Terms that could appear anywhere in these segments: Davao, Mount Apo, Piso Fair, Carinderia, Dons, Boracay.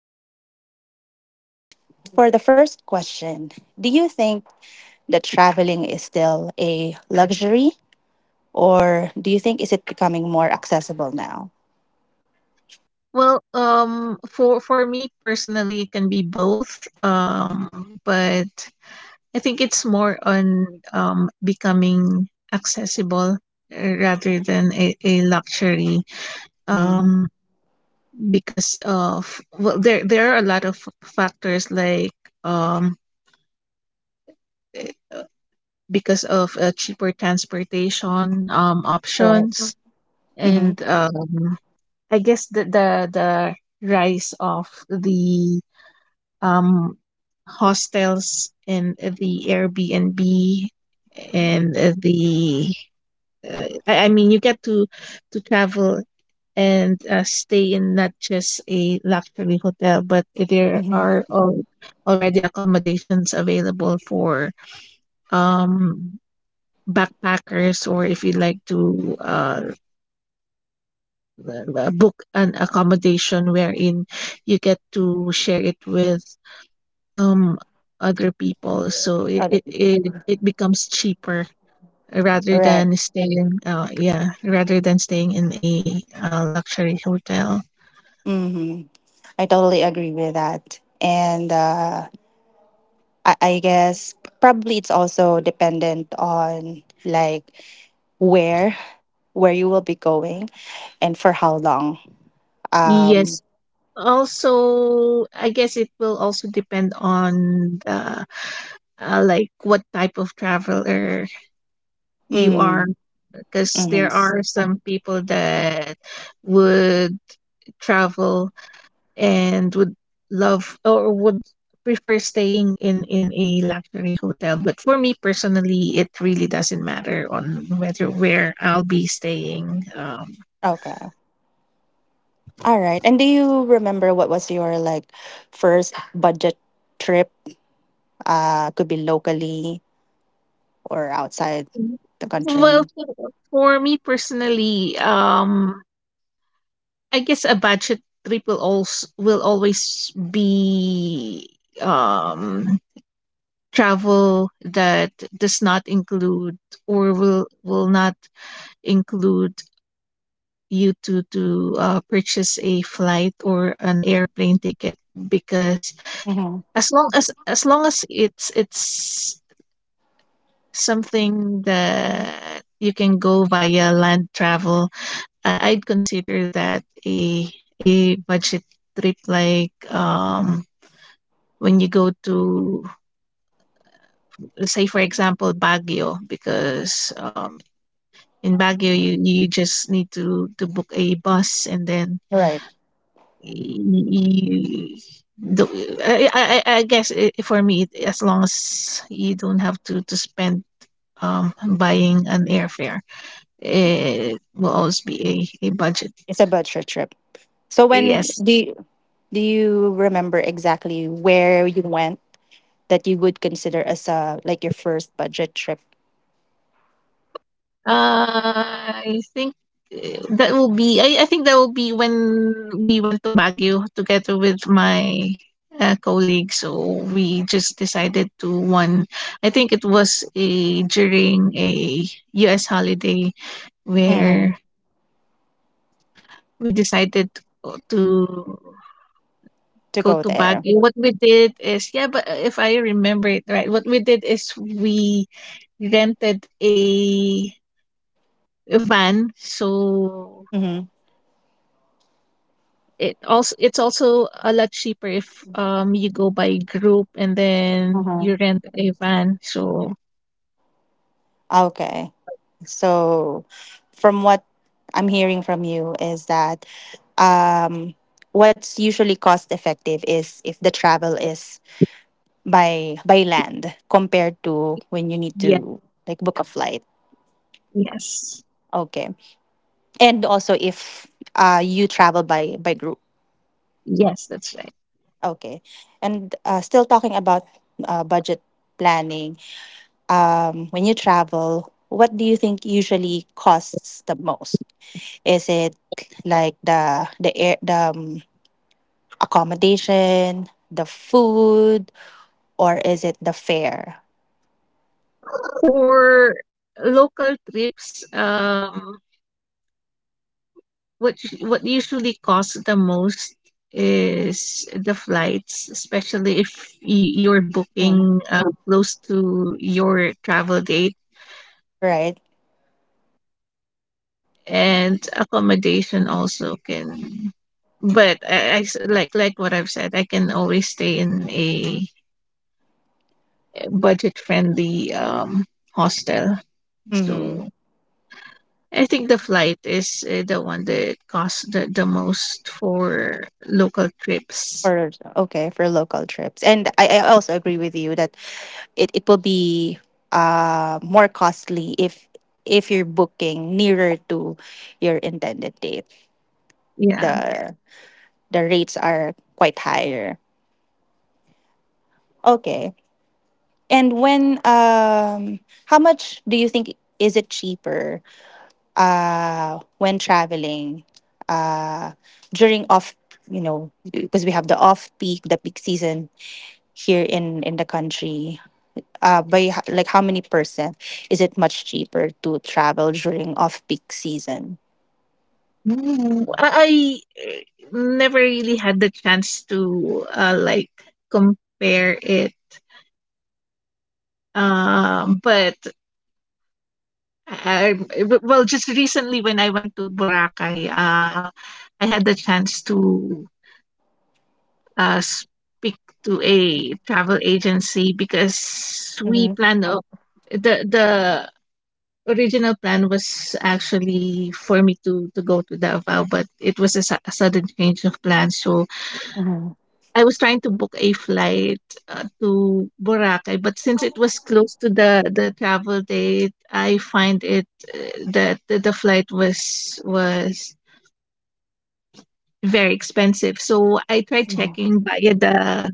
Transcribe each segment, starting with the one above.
So, for the first question, do you think that traveling is still a luxury? Or do you think is it becoming more accessible now? Well, for me personally, it can be both. But I think it's more on becoming accessible, rather than a luxury. Mhm. Um, because of, well, there are a lot of factors like um eh, uh, because of cheaper transportation Right. options, and Mhm. I guess the rise of the um, hostels and the Airbnb and the I mean you get to travel and stay in not just a luxury hotel, but there Mhm. are already accommodations available for um backpackers, or if you like to book an accommodation wherein you get to share it with um other people, so it Other- it it, it becomes cheaper rather Right. than staying yeah, rather than staying in a luxury hotel. Mhm. I totally agree with that. And I guess probably it's also dependent on like where where you will be going and for how long. Um. Yes, also I guess it will also depend on the, like, what type of traveler you are, Mhm. because there Mhm. are some people that would travel and would love, or would prefer staying in a luxury hotel, but for me personally it really doesn't matter on whether where I'll be staying. Okay. All right. And do you remember what was your like first budget trip? Could be locally or outside the Well, country. for me personally, I guess a budget trip will always be, um travel that does not include, or will not include, you to purchase a flight or an airplane ticket, because hmm as long as it's, something that you can go via land travel, I, I'd consider that a budget trip, like, when you go to, let's say for example, Baguio, because in Baguio you you just need to book a bus, and then Right. You do. I guess, I for me, it, as long as you don't have to spend buying an airfare, it will always be a budget. It's a budget trip. So when Yes. Do you remember exactly where you went that you would consider as a like your first budget trip? Uh, I think that will be, I think that will be when we went to Baguio together with my colleague. So we just decided to one. I think it was a during a U.S. holiday hmm where we decided to go to to go go to there? Baguio. What we did is, yeah, but if I remember it right, what we did is we rented a van, so hmm it also, it's also a lot cheaper if you go by group and then hmm you rent a van. So Okay. So from what I'm hearing from you is that um what's usually cost effective is if the travel is by land compared to when you need yeah, to like book a flight. yes. Okay. And also if you travel by group. Yes, that's right. Okay. And still talking about budget planning, when you travel, what do you think usually costs the most? Is it like the accommodation, the food, or is it the fare? For local trips, what usually costs the most is the flights, especially if you're Mm, booking close to your travel date. right. And accommodation also can, but like what I've said, I can always stay in a budget friendly hostel. Mm-hmm. So I think the flight is the one that costs the most for local trips. For Okay, for local trips. And I also agree with you that it will be more costly if you're booking nearer to your intended date. Yeah. the the rates are quite higher. Okay. And when how much do you think is it cheaper when traveling uh during off, you know, because we have the off peak, the peak season here in the country, by h- like how many percent is it much cheaper to travel during off peak season? Mm, I, never really had the chance to, like, compare it. But I w well, just recently when I went to Boracay, I had the chance to speak to a travel agency, because we Mm-hmm. planned the original plan was actually for me to go to Davao, but it was a a sudden change of plans, so Mm-hmm. I was trying to book a flight to Boracay, but since it was close to the travel date, I find it uh, that the flight was very expensive. So I tried checking via the,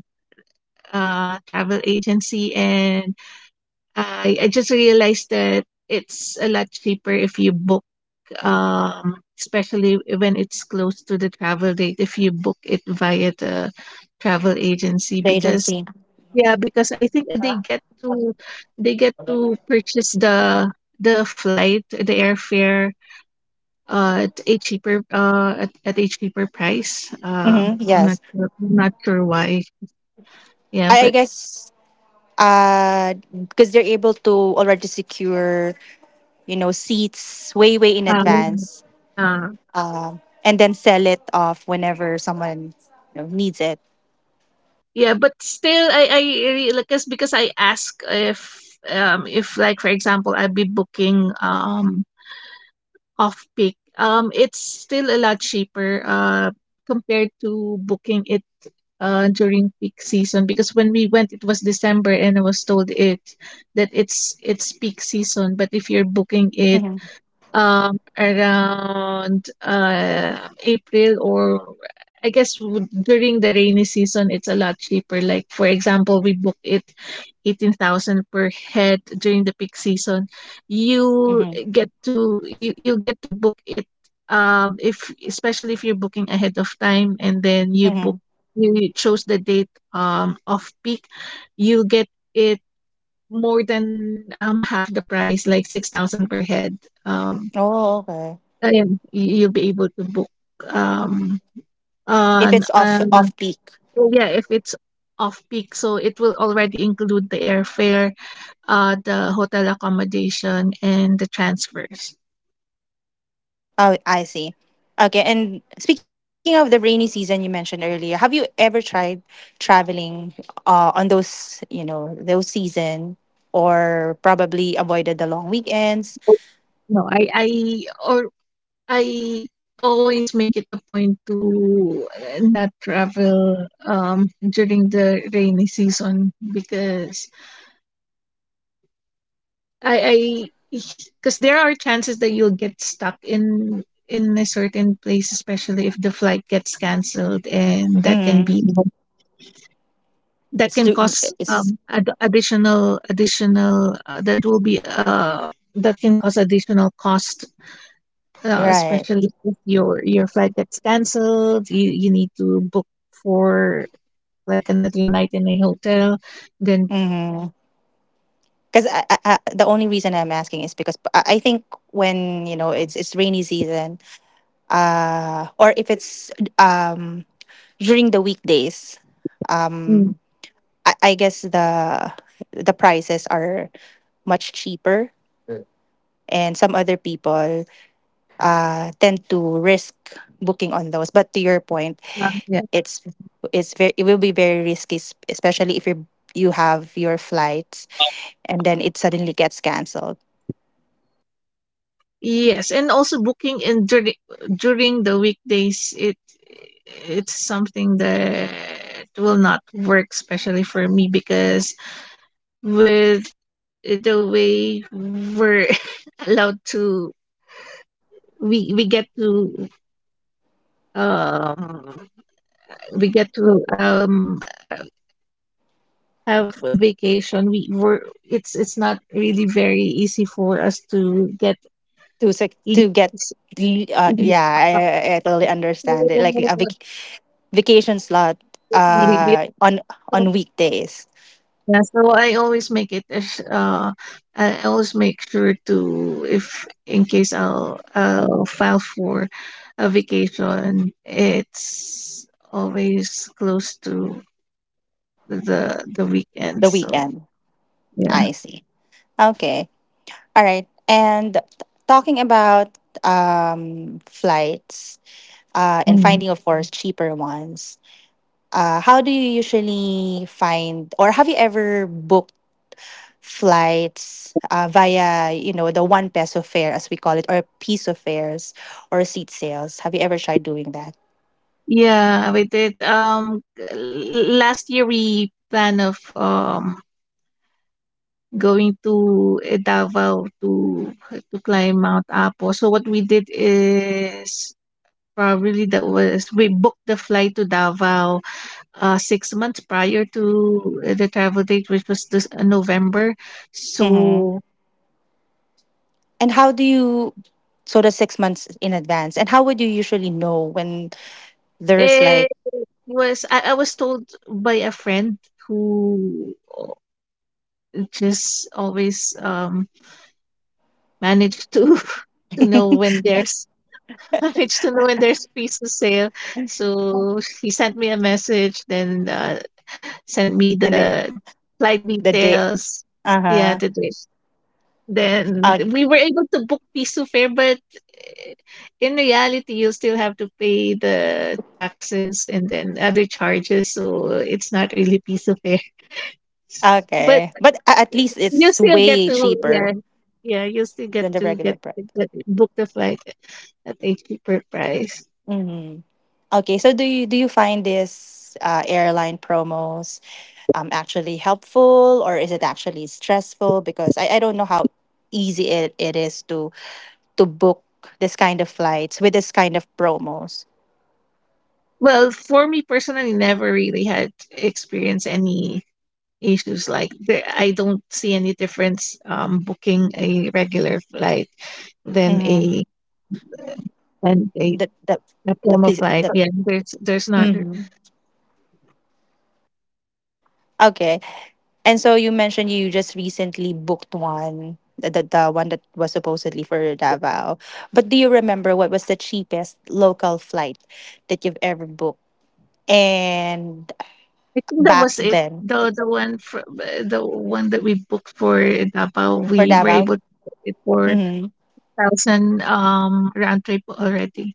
travel agency, and I just realized that it's a lot cheaper if you book, especially when it's close to the travel date, if you book it via the travel agency The because. agency. Yeah, because I think they get to purchase the flight, the airfare, at a cheaper, at a cheaper price. Mm-hmm. Yes, I'm not sure why. Yeah, I but guess uh because they're able to already secure, you know, seats way in um, advance uh, and then sell it off whenever someone, you know, needs it. yeah, but still, I really, because I ask if, if, like, for example, I'd be booking off peak it's still a lot cheaper compared to booking it during peak season, because when we went it was December, and I was told it that it's peak season, but if you're booking Mm-hmm. it around April, or I guess during the rainy season, it's a lot cheaper. Like, for example, we booked it 18,000 per head during the peak season. Mm-hmm. You get to, you get to book it if especially if you're booking ahead of time, and then you Mm-hmm. book, you chose the date of peak, you get it more than half the price, like 6,000 per head. Um Oh, okay. Ayun, you you'll be able to book, um, If an it's off peak. well, yeah, if it's off peak, so it will already include the airfare, the hotel accommodation, and the transfers. Oh, I see. Okay, and speaking of the rainy season you mentioned earlier, have you ever tried traveling on those, you know, those season, or probably avoided the long weekends? No, I or. I always make it a point to, not travel during the rainy season, because I because there are chances that you'll get stuck in a certain place, especially if the flight gets canceled, and that can Mm-hmm. be, that It's can too, cause it's, additional that will be that can cause additional cost, you're right. especially if your your flight gets canceled, you need to book for, like, another night in a hotel, then. Mm-hmm. Because the only reason I'm asking is because I think when, you know, it's rainy season, or if it's um, during the weekdays, Mm, um. I guess the prices are much cheaper and some other people tend to risk booking on those, but to your point, yeah. it's it's very, it will be very risky, especially if you you have your flights and then it suddenly gets cancelled. Yes, and also booking in during, during the weekdays, it it's something that will not work, especially for me, because with the way we're allowed to, we we get to um we get to have a vacation, we were, it's not really very easy for us to get To sec- to get leaves the in the Yeah, I totally understand it, like a vacation slot uh on on weekdays. yeah, so I always make it I always make sure to, if in case I'll file for a vacation, it's always close to the weekend. The So weekend. yeah. I see. Okay. All right. And talking about flights and Hmm. finding, of course, cheaper ones, how do you usually find, or have you ever booked flights via, you know, the one peso fare, as we call it, or piece of fares or seat sales? Have you ever tried doing that? Yeah, we did. Last year we plan of going to Davao to climb Mount Apo. So what we did is, probably that was, we booked the flight to Davao 6 months prior to, the travel date, which was this November. Mm-hmm. So And how do you, so the 6 months in advance, and how would you usually know when there's like, it was, I was told by a friend who just always manage to to know when there's, manage to know when there's pizza sale. So he sent me a message, then sent me and then the flight the day? details. Uh-huh. Yeah, Uh the dish. Then huh. we were able to book Piso Fair, but eh, in reality, you still have to pay the taxes and then other charges, so it's not really Piso Fair. But Okay. But a- at least you it's still get way to, cheaper yeah. Yeah, you still get than the to regular get, prep. get book the flight at a cheaper price. Hmm. Okay, so do you find this airline promos actually helpful, or is it actually stressful? Because I don't know how easy it, it is to book this kind of flights with this kind of promos. Well, for me personally, never really had experienced any issues, like, there, I don't see any difference booking a regular flight than Mm-hmm. a and a The the the, diploma phys- flight. the Yeah, there's not. Mm-hmm. Okay. And so you mentioned you just recently booked one, the one that was supposedly for Davao. But do you remember what was the cheapest local flight that you've ever booked? And I think that back was it. then? The one for, the one that we booked for Davao, For we were able Davao? to book it for Mm-hmm. thousand round trip already.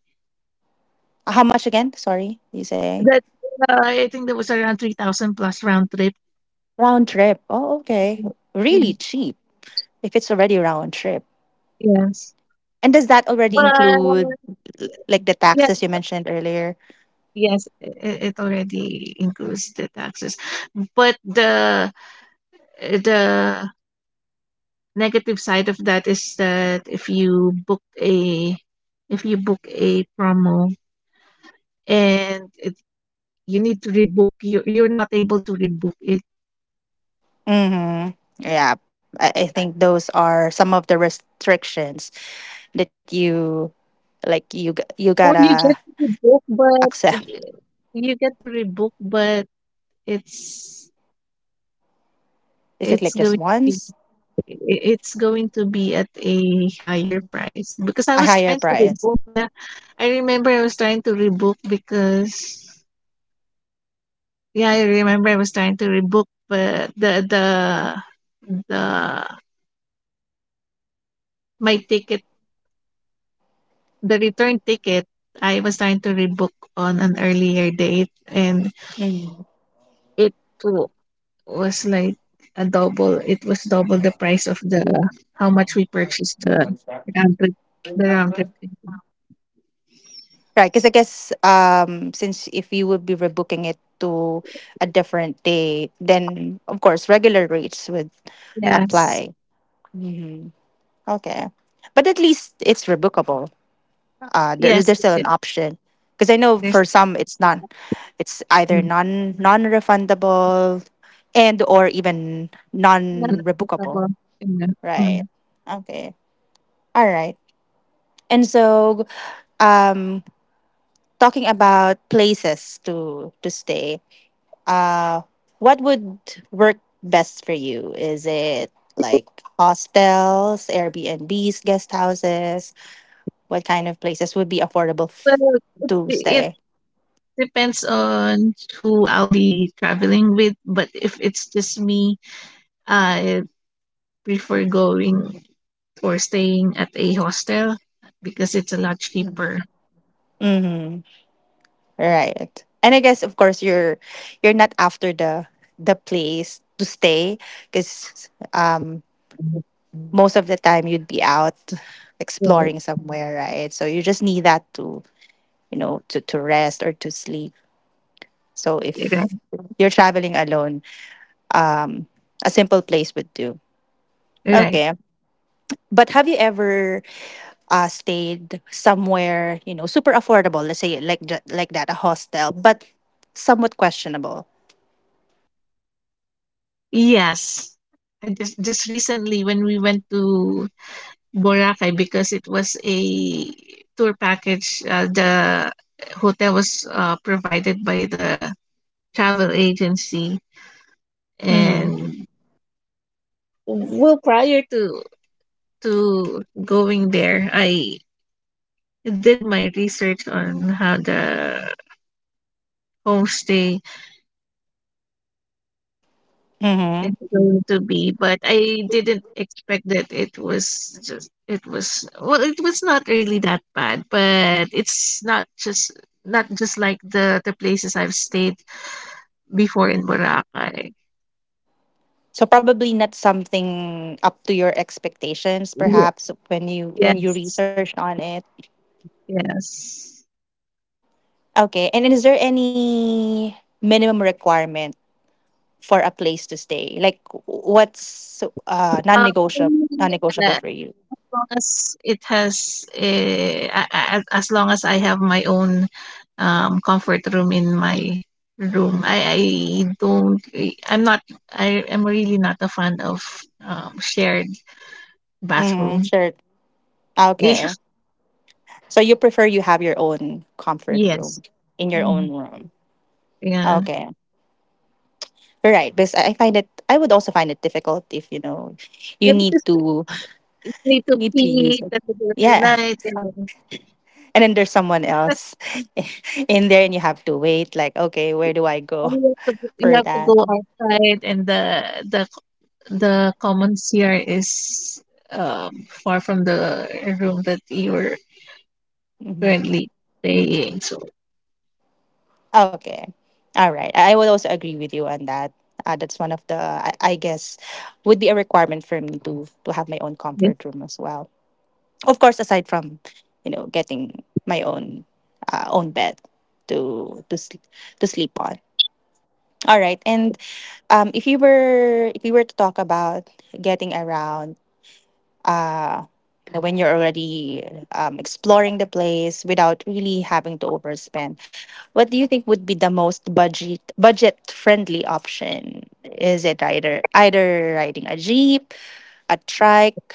How much again? Sorry, you say? That I think there was around 3,000 plus round trip. Round trip. Oh, okay. Really Mm, cheap if it's already round trip. Yes, And does that already but include l- like the yeah, taxes you mentioned earlier? yes, it already includes the taxes. But the negative side of that is that if you book a, if you book a promo, and it, you need to rebook, you you're not able to rebook it. Mm-hmm. Yeah, I think those are some of the restrictions that you like you you Or you get gotta to rebook, but accept. You get to rebook, but it's Is it it's like just going to be, once? It's going to be at a higher price, because I A was higher trying to price. rebook. Yeah, I remember I was trying to rebook, because, yeah, I remember I was trying to rebook, but the my ticket, the return ticket, I was trying to rebook on an earlier date, and Mm. it was like a double, it was double the price of the how much we purchased the round trip, the round trip ticket. Right, because I guess since if you would be rebooking it to a different day, then of course regular rates would Yes. apply. Hmm. Okay. But at least it's rebookable, uh, there, Yes, there's still an option, because I know there's, for some it's not, it's either mm, non non-refundable, and or even non-rebookable. non-applicable, you know. Right. Mm. Okay. All right. And so, um, talking about places to stay, uh, what would work best for you? Is it like hostels, Airbnbs, guest houses? What kind of places would be affordable Well, to it stay? depends on who I'll be traveling with, but if it's just me, I prefer going or staying at a hostel, because it's a lot cheaper. Mm-hmm. Right. And I guess, of course, you're not after the place to stay because most of the time you'd be out Right. exploring somewhere, right? So you just need that to, you know, to rest or to sleep. So Right. if you're traveling alone, um, a simple place would do. Right. Okay. But have you ever stayed somewhere, you know, super affordable, let's say like that, a hostel, but somewhat questionable? Yes. I just recently when we went to Boracay, because it was a tour package, the hotel was provided by the travel agency, Mm-hmm. and, well, prior to going there, I did my research on how the homestay Mm-hmm. it's going to be, but I didn't expect that it was just, it was, well, it was not really that bad, but it's not just, not just like the places I've stayed before in Boracay. So probably not something up to your expectations, Ye- perhaps when you yes. researched on it. Yes. Okay, and is there any minimum requirement for a place to stay? Like what's um non-negotiable for you? Long as it has, as long as I have my own comfort room in my room. Don't I'm not I am really not a fan of shared Mm, bathroom. sure. Okay. So you prefer you have your own comfort Yeah. Yes. room in your Mm. own room. Yeah. Okay. Right. Because I find it, I would also find it difficult if you know you Yeah, need because to you need to need to use pee it. at the middle of the Yeah. night, and And then there's someone else in there and you have to wait like okay, where do I go you for have to go that? outside, and the the common CR is far from the room that you're Mm-hmm. currently staying. So, Okay. All right. I would also agree with you on that. That's one of the, I guess, would be a requirement for me to have my own yes. comfort room as well. Of course, aside from you know getting my own own bed to to sleep on. All right. And if you were, if you were to talk about getting around uh, you know, when you're already exploring the place without really having to overspend, what do you think would be the most budget friendly option? Is it either riding a jeep, a trike,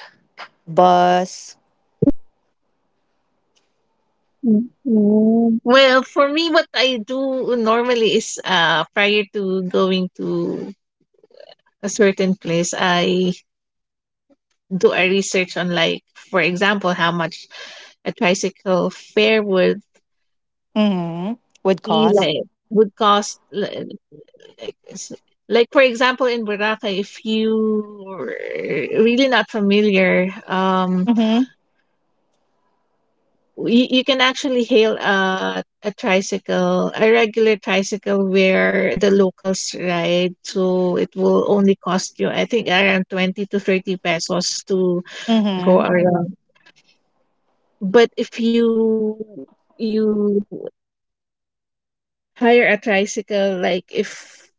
bus? Mm. Well, for me, what I do normally is prior to going to a certain place, I do a research on, like, for example, how much a tricycle fare Mm-hmm. Would be cost. like would cost, like, like s- like for example in Boracay if you were, really not familiar, Mm-hmm. you can actually hail a tricycle, a regular tricycle where the locals ride, so it will only cost you, I think, around 20 to 30 pesos to go Mm-hmm. around. But if you hire a tricycle, like, if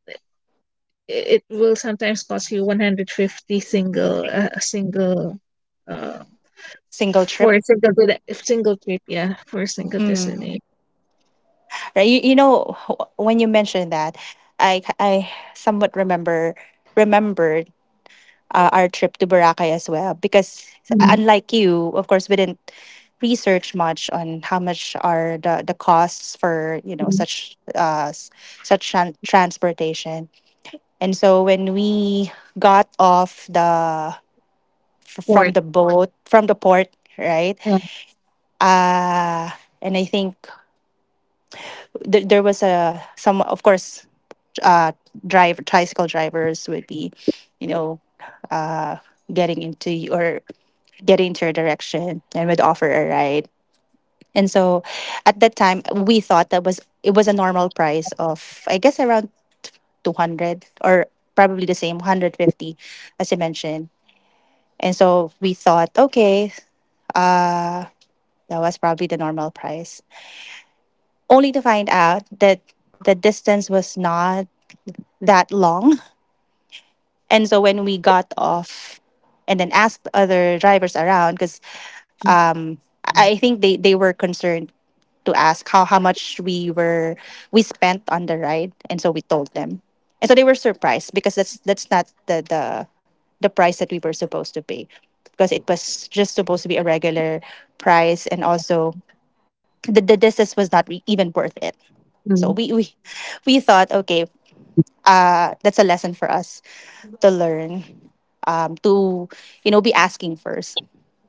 it will sometimes cost you 150 single, a single, uh, Single trip. for a single if single trip, yeah, for a single Mm. destination. Right. You know when you mentioned that, I somewhat remembered our trip to Boracay as well. Because Mm-hmm. unlike you, of course, we didn't research much on how much are the costs for you know such such transportation. And so when we got off the from Port, the boat from the port, right? yeah. Uh, and I think there was a some, of course, uh, driver tricycle drivers would be, you know, uh, getting into or get into your direction and would offer a ride. And so at that time we thought that was, it was a normal price of I guess around 200 or probably the same 150 as you mentioned. And so we thought okay, uh that was probably the normal price. Only to find out that the distance was not that long. And so when we got off and then asked other drivers around, because I think they were concerned to ask how much we were we spent on the ride, and so we told them, and so they were surprised because that's not the the price that we were supposed to pay, because it was just supposed to be a regular price, and also the distance was not even worth it. So Mm. We thought okay, that's a lesson for us to learn, to you know be asking first,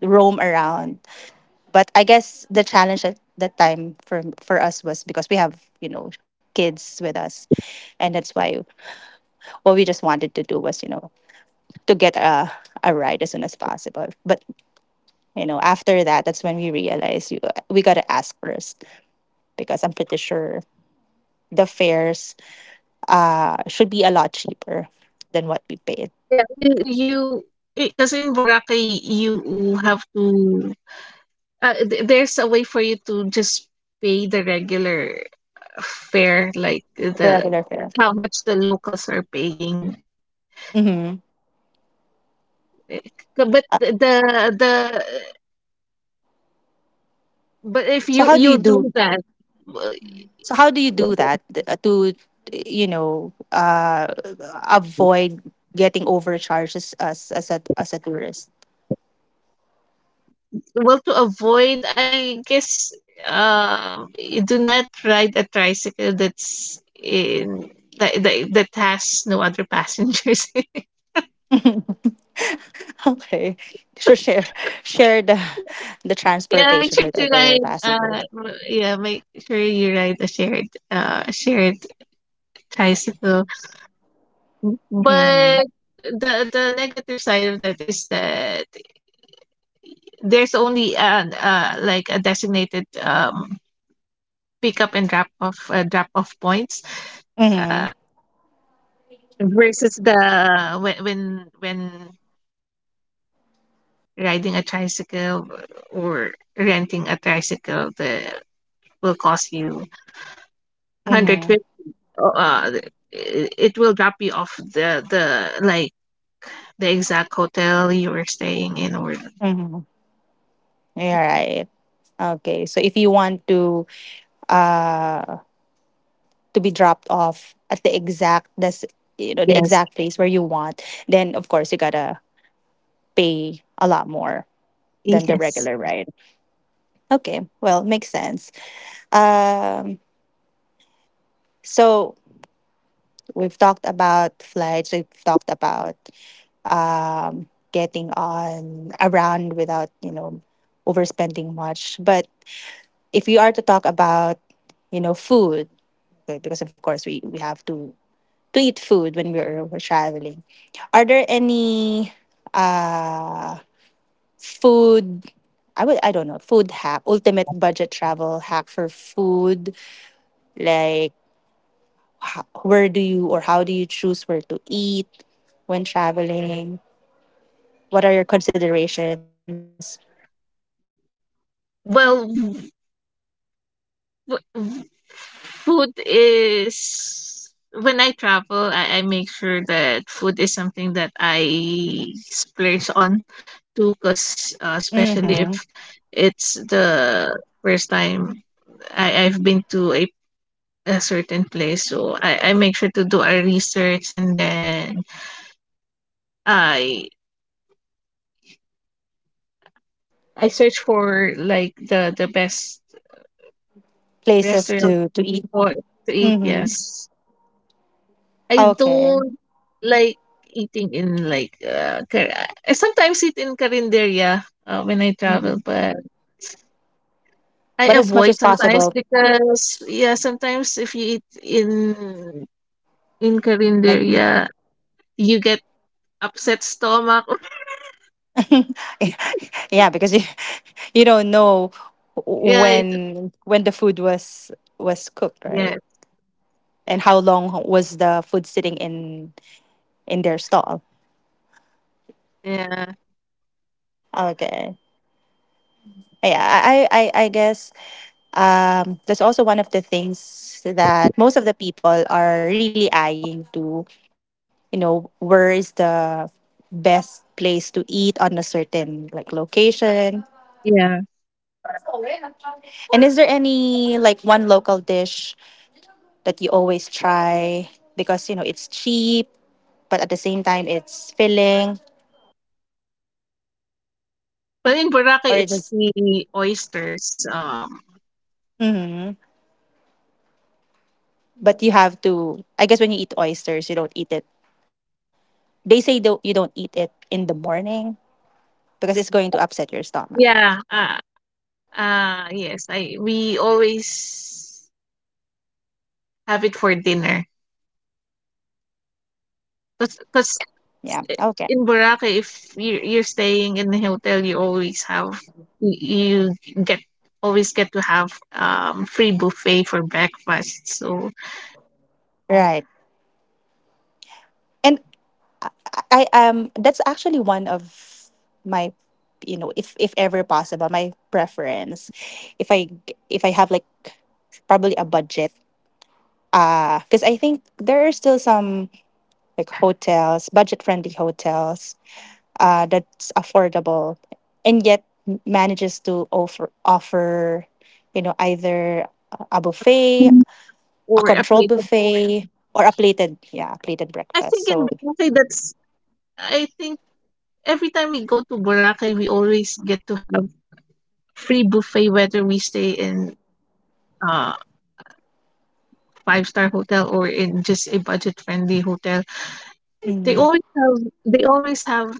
roam around. But I guess the challenge at that time for us was because we have you know kids with us, and that's why what we just wanted to do was you know to get a ride as soon as possible. But you know after that, that's when we realized we gotta ask first because I'm pretty sure the fares should be a lot cheaper than what we paid Yeah, you because in Boracay you have to, there's a way for you to just pay the regular fare, like the the, regular fare. how much the locals are paying. Hmm. Eh, but Uh, the the- but if so you how do you you do? do that. So how do you do that to you know uh, avoid getting overcharged as a tourist? Well, to avoid, I guess, you do not ride a tricycle that's in that has no other passengers. Okay, so share the Yeah, make transportation sure with to other ride. passengers. Yeah, make sure you ride a shared, shared tricycle. Mm-hmm. But the negative side of that is that there's only an like a designated pickup and drop off, drop off points. Uh, Mm-hmm. Versus the, when riding a tricycle or renting a tricycle, the will cost you Mm-hmm. 150. uh it will drop you off the, like, the exact hotel you were staying in, or Mm-hmm. You're right. Okay, so if you want uh to be dropped off at the exact this you know the yes. exact place where you want, then of course you gotta pay a lot more than the Yes. regular ride. Okay, well, makes sense. Um, so we've talked about flights. We've talked about getting on around without you know overspending much. But if you are to talk about you know food. Okay, because of course we have to eat food we're traveling. Are there any uh food, I would, I don't know, food hack, ultimate budget travel hack for food, like where do you or how do you choose where to eat when traveling? What are your considerations? Well, Fo- food is, when I travel, I make sure that food is something that I splurge on too, because, Hmm. especially if it's the first time I've been to a certain place, so I make sure to do a research, and then I I search for like the best Places restaurant to eat. for to eat. Hmm. Yes, I Okay. don't like eating in, like, I sometimes eat in Carinderia, when I Hmm. travel, but I But as much avoid as sometimes possible, because, yeah, sometimes if you eat in like, Carinderia, you get upset stomach. yeah, because you don't know Yeah, when the food was cooked, yeah, right? yeah, And how long was the food sitting in their stall? yeah, Okay. Yeah, that's also one of the things that most of the people are really eyeing to, you know, where is the best place to eat on a certain like location? yeah. And is there any like one local dish that you always try because you know it's cheap, but at the same time it's filling But in Boracay, or it it's is. the oysters. Mm-hmm. But you have to, I guess, when you eat oysters, you don't eat it. They say don't, you don't eat it in the morning because it's going to upset your stomach. Yeah, yes, I we always have it for dinner Mm-hmm. because Yeah. Okay. in Boracay, if you're staying in the hotel, you always have, you get always get to have free buffet for breakfast. So Right. And I, that's actually one of my you know if ever possible my preference if if I have like probably a budget because I think there are still some like hotels, budget friendly hotels that's affordable and yet manages to offer you know either a buffet, Mhm. a Or a control plate of, buffet, or a plated, yeah, a plated I breakfast think in so. Boracay that's, I think every time we go to Boracay we always get to have free buffet whether we stay in uh five-star hotel or in just a budget friendly hotel. They Mhm. always have they always have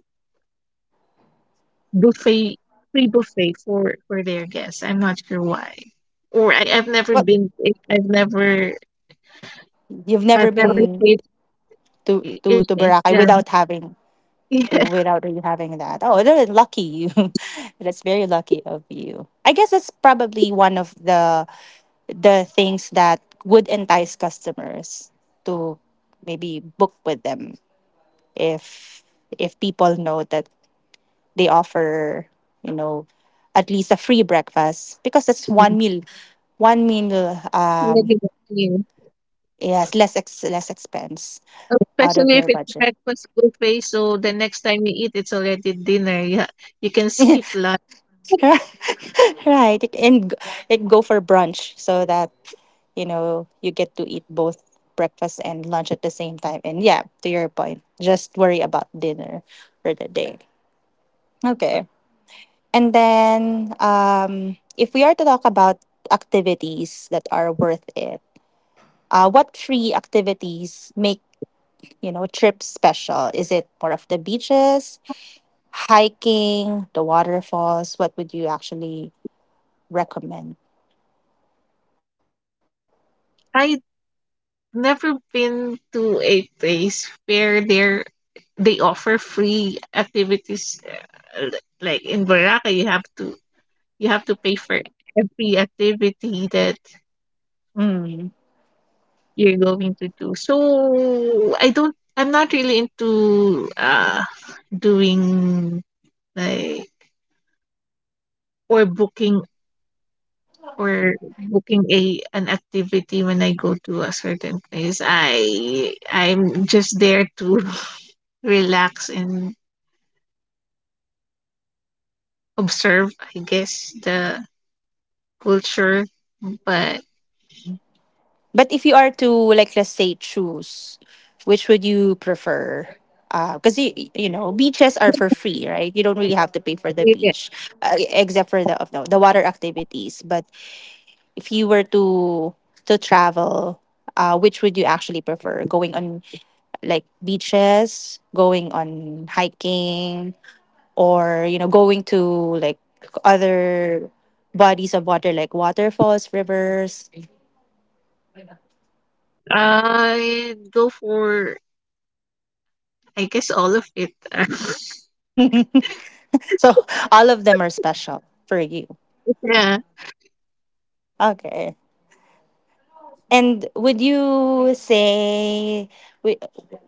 buffet, free buffet for their guests. I'm not sure why, or I've never Well, been. I've never you've I've never never been paid in to it. Boracay Yeah, without having, without really having that. Oh, that's lucky you. That's very lucky of you. I guess that's probably one of the things that would entice customers to maybe book with them if if people know that they offer you know at least a free breakfast because that's yeah. one meal um Yeah. yes, less expense out of Especially if your it's budget. breakfast buffet, so the next time you eat, it's already dinner. Yeah, you can skip lunch. Right. Like go for brunch so that, you know, you get to eat both breakfast and lunch at the same time. And yeah, to your point, just worry about dinner for the day. Okay. And then if we are to talk about activities that are worth it, what free activities make you know trips special? Is it more of the beaches, hiking, the waterfalls? What would you actually recommend? I have never been to a place where there they offer free activities. Like in Boracay, you have to pay for every activity that Mm. you're going to do. So I don't. I'm not really into doing, like, or booking or booking a an activity when I go to a certain place. I'm just there to relax and observe, I guess, the culture. But But if you are to like let's say choose, which would you prefer? Because you know beaches are for free, right? You don't really have to pay for the eh, beach, except for the of the water activities. But if you were to travel, which would you actually prefer? Going on like beaches, going on hiking, or you know going to like other bodies of water like waterfalls, rivers. I go for, I guess, all of it. So all of them are special for you. Yeah. Okay. And would you say wi-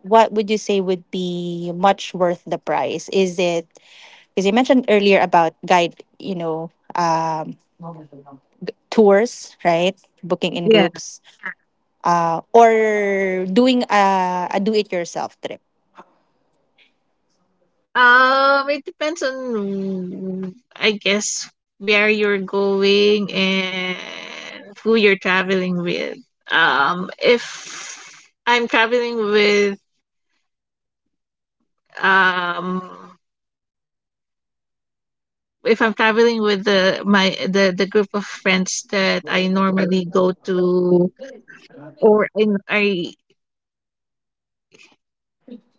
what would you say would be much worth the price? Is it because you mentioned earlier about guide, you know, tours, right? Booking in Yeah. groups, or doing a do-it-yourself trip It depends on, I guess, where you're going and who you're traveling with. Um, if I'm traveling with, um, if I'm traveling with the my the group of friends that I normally go to, or I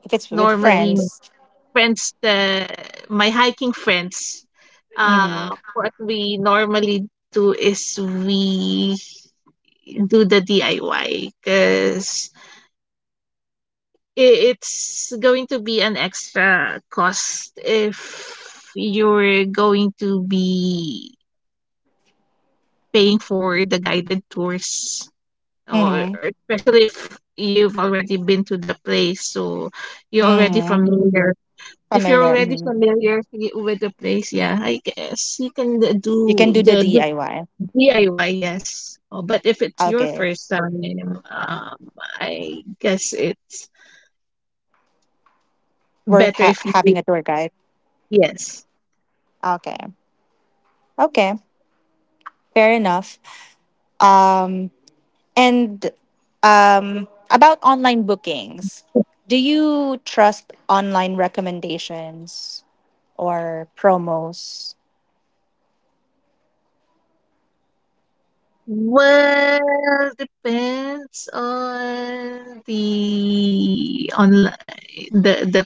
if it's with normally friends. friends that, my hiking friends, Mm-hmm. What we normally do is we do the DIY because it's going to be an extra cost if you're going to be paying for the guided tours, Mm-hmm. or especially if you've already been to the place, so you're already Mm-hmm. familiar. If you're Familiar. already Mm-hmm. familiar y- With the place, yeah, I guess you can You can do do the the DIY. DIY, yes. Oh, but if it's your Okay. first time, I guess it's Worth better if you do. having a tour guide. Yes. Okay. Okay. Fair enough. Um, and about online bookings, do you trust online recommendations or promos? Well, depends on the online, the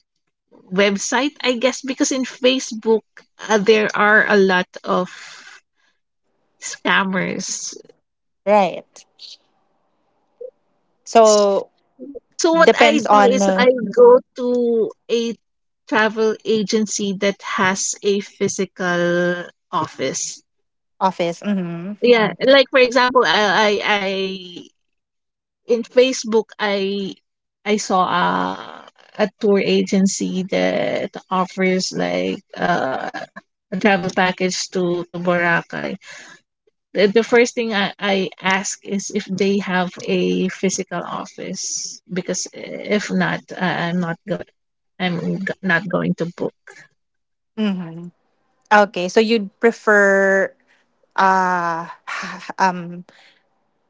website, I guess, because in Facebook, there are a lot of scammers. Right. S- So So what I depends do on is I go to a travel agency that has a physical office. office. Mm-hmm. Yeah, like for example, I in Facebook, I saw a tour agency that offers, like, a travel package to Boracay. The first thing I ask is if they have a physical office, because if not, not going to book. Mm-hmm. Okay. So you'd prefer uh um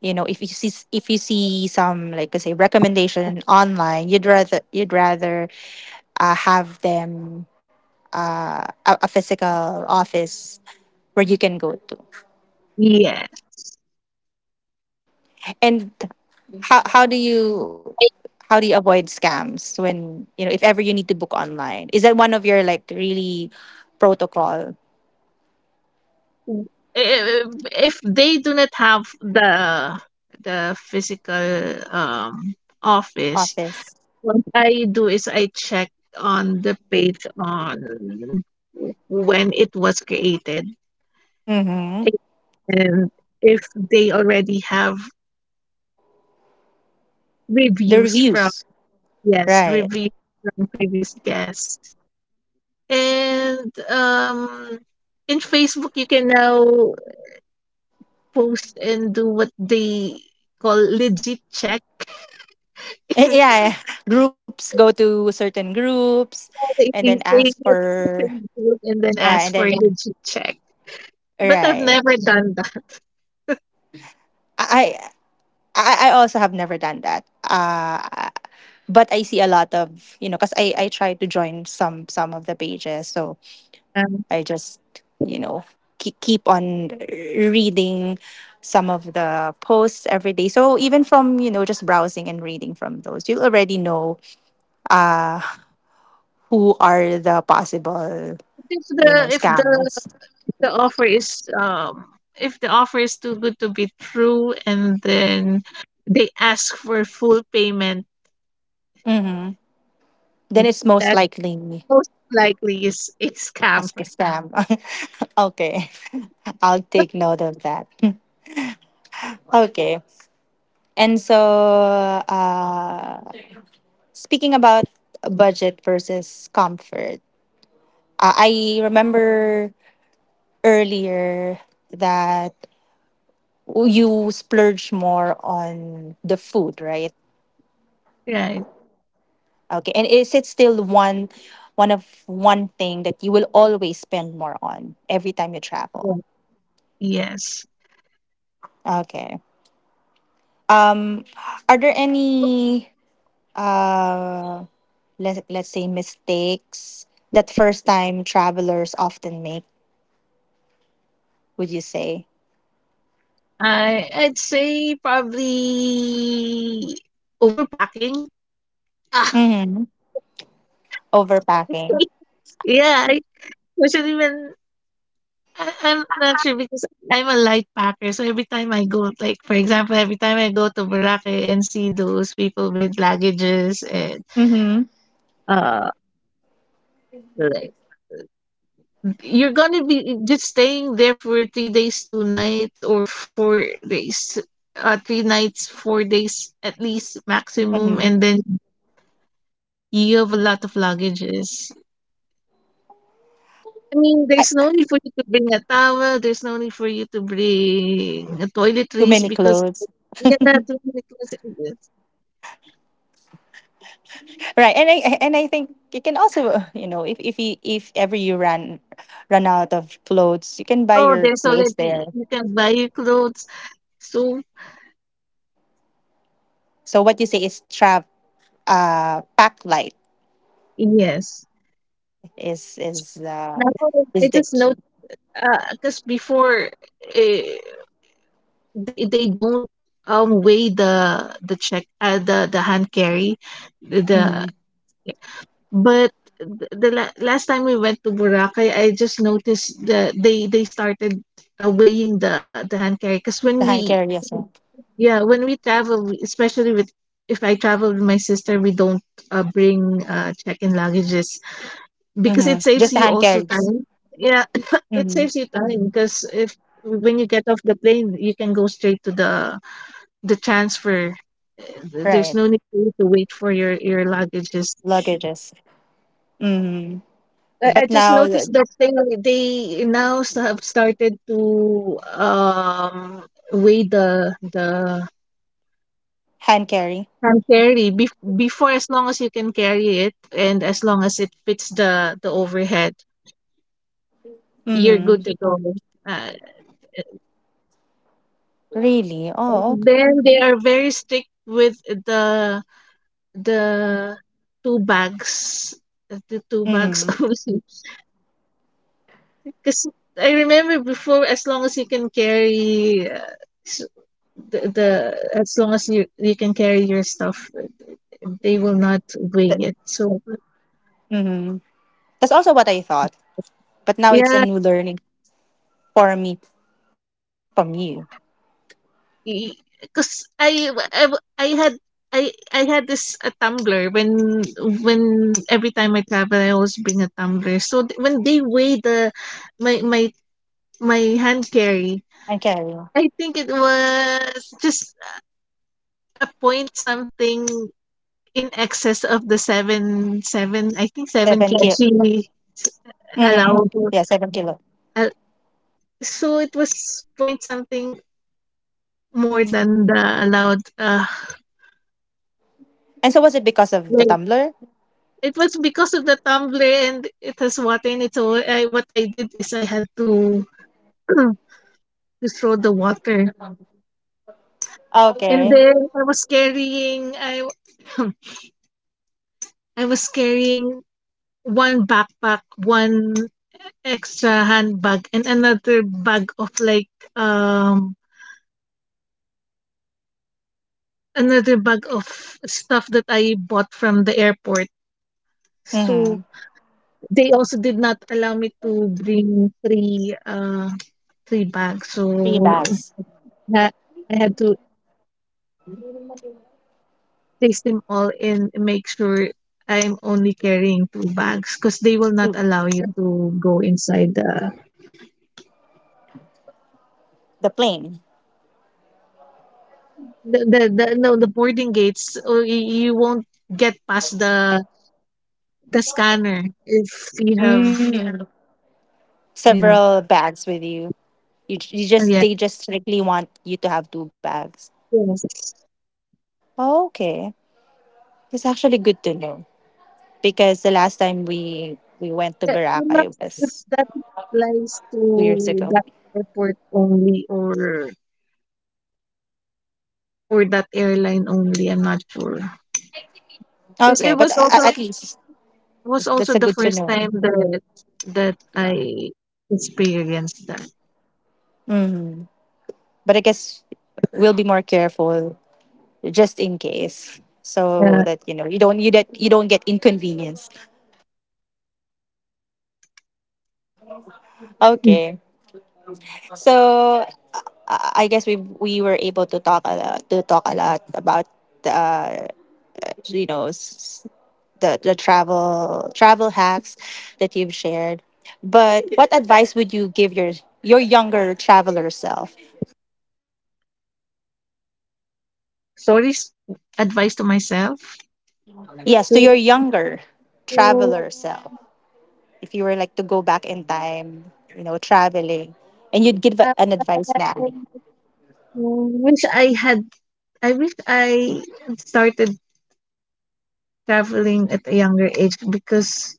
you know if you see some like I say recommendation online you'd rather have them a physical office where you can go to. Yeah, And how do you, how do you avoid scams when you know if ever you need to book online? Is that one of your like really protocol, if, if they do not have the physical office, office? what I do is I check on the page on when it was created, Mm-hmm. and if they already have The reviews from, reviews. yes, Right. reviews from previous guests. And in Facebook you can now post and do what they call legit check. Eh, yeah yeah. Groups, go to certain groups and If then they ask say that for, something good, and then yeah, and ask then for a legit check. But I've right. never done that. I I, I also have never done that. But I see a lot of you know because I try to join some of the pages, so Um, I just you know keep on reading some of the posts every day. So even from you know just browsing and reading from those, you'll already know uh who are the possible if you the know if the scammers. if the offer is um if the offer is too good to be true, and then they ask for full payment, Mm-hmm. Then it's most that likely most likely is a a scammer. scam. Okay, I'll take note of that. Okay. And so, speaking about budget versus comfort, I remember earlier that you splurge more on the food, right? Right? Okay, and is it still one thing that you will always spend more on every time you Yeah. travel? Yes. Okay. Um, are there any uh let let's say mistakes that first time travelers often make? Would you say? I'd say probably overpacking. Ah, Mm-hmm. Overpacking. yeah, especially when I'm not sure because I'm a light packer. So every time I go, like for example, every time I go to Boracay and see those people with luggages, and Mm-hmm. uh like, you're gonna be just staying there for 3 days, 2 nights or 4 days. 3 nights, 4 days at least maximum, Mm-hmm. and then you have a lot of luggages. I mean, I, there's no need for you to bring a towel, there's no need for you to bring a too toiletries many because, clothes. yeah, toiletries, yes. Right. And I think you can also, you know, if you, if ever you run out of clothes, you can buy Oh, your there's clothes already, there. you can buy your clothes. So, So what you say is trap, pack light, yes. is is uh Now, I is the just note, key. because before, eh, they don't weigh the check, the hand carry, the. Mm-hmm. But the la last time we went to Boracay, I just noticed that they started, weighing the hand carry, because when The hand we, carry as well. yeah, when we travel, especially, with if I travel with my sister, we don't, bring, check-in luggages, because Mm-hmm. it saves Just the you hand also carries. time. Yeah, it Mm-hmm. saves you time, because if, when you get off the plane, you can go straight to the transfer. There's Right. no need for you to wait for your luggages. Luggages. Mm-hmm. But I just now the noticed that they now have started to weigh the hand carry. can carry. Before, as long as you can carry it and as long as it fits the overhead, you're Mm-hmm. good to go. uh, Really? Oh, ok-. then they are very strict with the two bags, the two bags Mm-hmm. only. Because I remember before, as long as you can carry, the as long as you can carry your stuff, they will not weigh it, so Mm-hmm. That's also what I thought, but now it's a yeah, new learning for me from you. because had I had this, a tumbler, when, every time I travel I always bring a tumbler, so when they weigh the my my hand carry, I carry I think it was just a point something in excess of the seven seven I think seven seven kilo. kg Mm-hmm. allowable. Yeah, 7 kilo. uh, So it was point something more than the allowed And so was it because of the rate. tumbler? It was because of the tumbler and it has water in it. So, what I did is I had to to throw the water. And Okay. then I was carrying I I was carrying one backpack, one extra handbag, and another bag of like, um another bag of stuff that I bought from the airport. So Mm-hmm. they also did not allow me to bring 3 bags, Three so bags that I had to place them all and make sure I'm only carrying 2 bags, because they will not to allow you to go inside the plane. The no, the boarding gates, or you won't get past the scanner if you have, Mm. yeah, Several bags with you. You, you and just yeah, they just strictly want you to have two bags. yes. Okay, it's actually good to know because the last time we went to Yeah, I'm not Boracay sure if was that applies 2 years to ago. that airport only or for that airline only. I'm not sure. It's, Okay, it was also at least it was that's also a the good to first know. time that I experienced that. Mhm. But I guess we'll be more careful just in case, so Uh, that you know you that you don't get inconvenienced. Okay, so I guess we were able to talk a lot to talk a lot about uh you know the travel hacks that you've shared. But what advice would you give your younger traveler self? Sorry, advice to myself Yes, to, to your younger um, traveler self. If you were like to go back in time, you know, traveling, and you'd give an advice now. wish I had. I wish I had started traveling at a younger age, because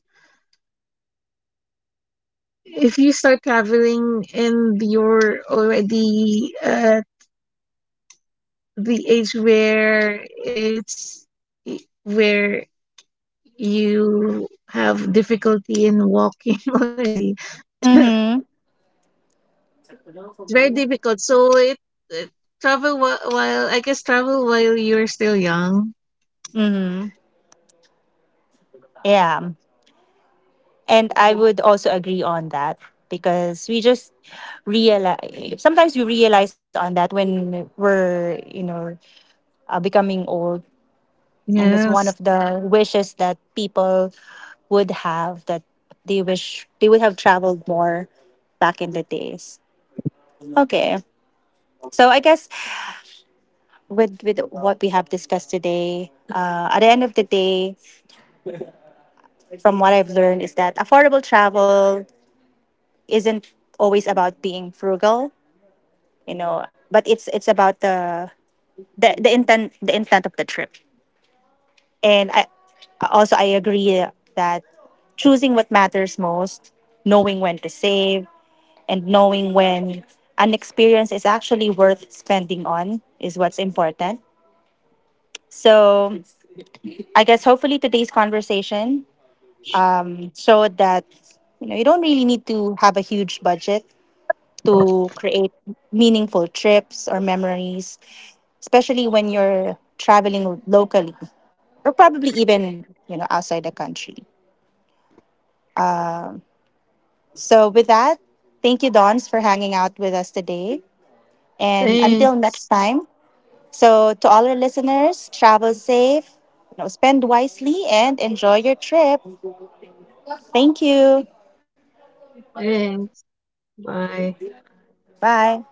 if you start traveling and you're already at the age where you have difficulty in walking already. Mm-hmm. It's very difficult. So it travel whi- while I guess travel while you're still young. Mm-hmm. Yeah. And I would also agree on that because we just realize sometimes we realize on that when we're, you know, becoming old. And it's one Yes. of the wishes that people would have that they wish they would have traveled more back in the days. Okay. So I guess with what we have discussed today, at the end of the day, from what I've learned is that affordable travel isn't always about being frugal, you know, but it's about the the intent, the intent of the trip. And I agree that choosing what matters most, knowing when to save, and knowing when an experience is actually worth spending on is what's important. So I guess hopefully today's conversation so that you know you don't really need to have a huge budget to create meaningful trips or memories, especially when you're traveling locally or probably even you know outside the country. Um, so with that, thank you, Dons, for hanging out with us today, and until next Thanks. time. So to all our listeners, travel safe, you know, spend wisely, and enjoy your trip. Thank you. Thanks. Bye. Bye.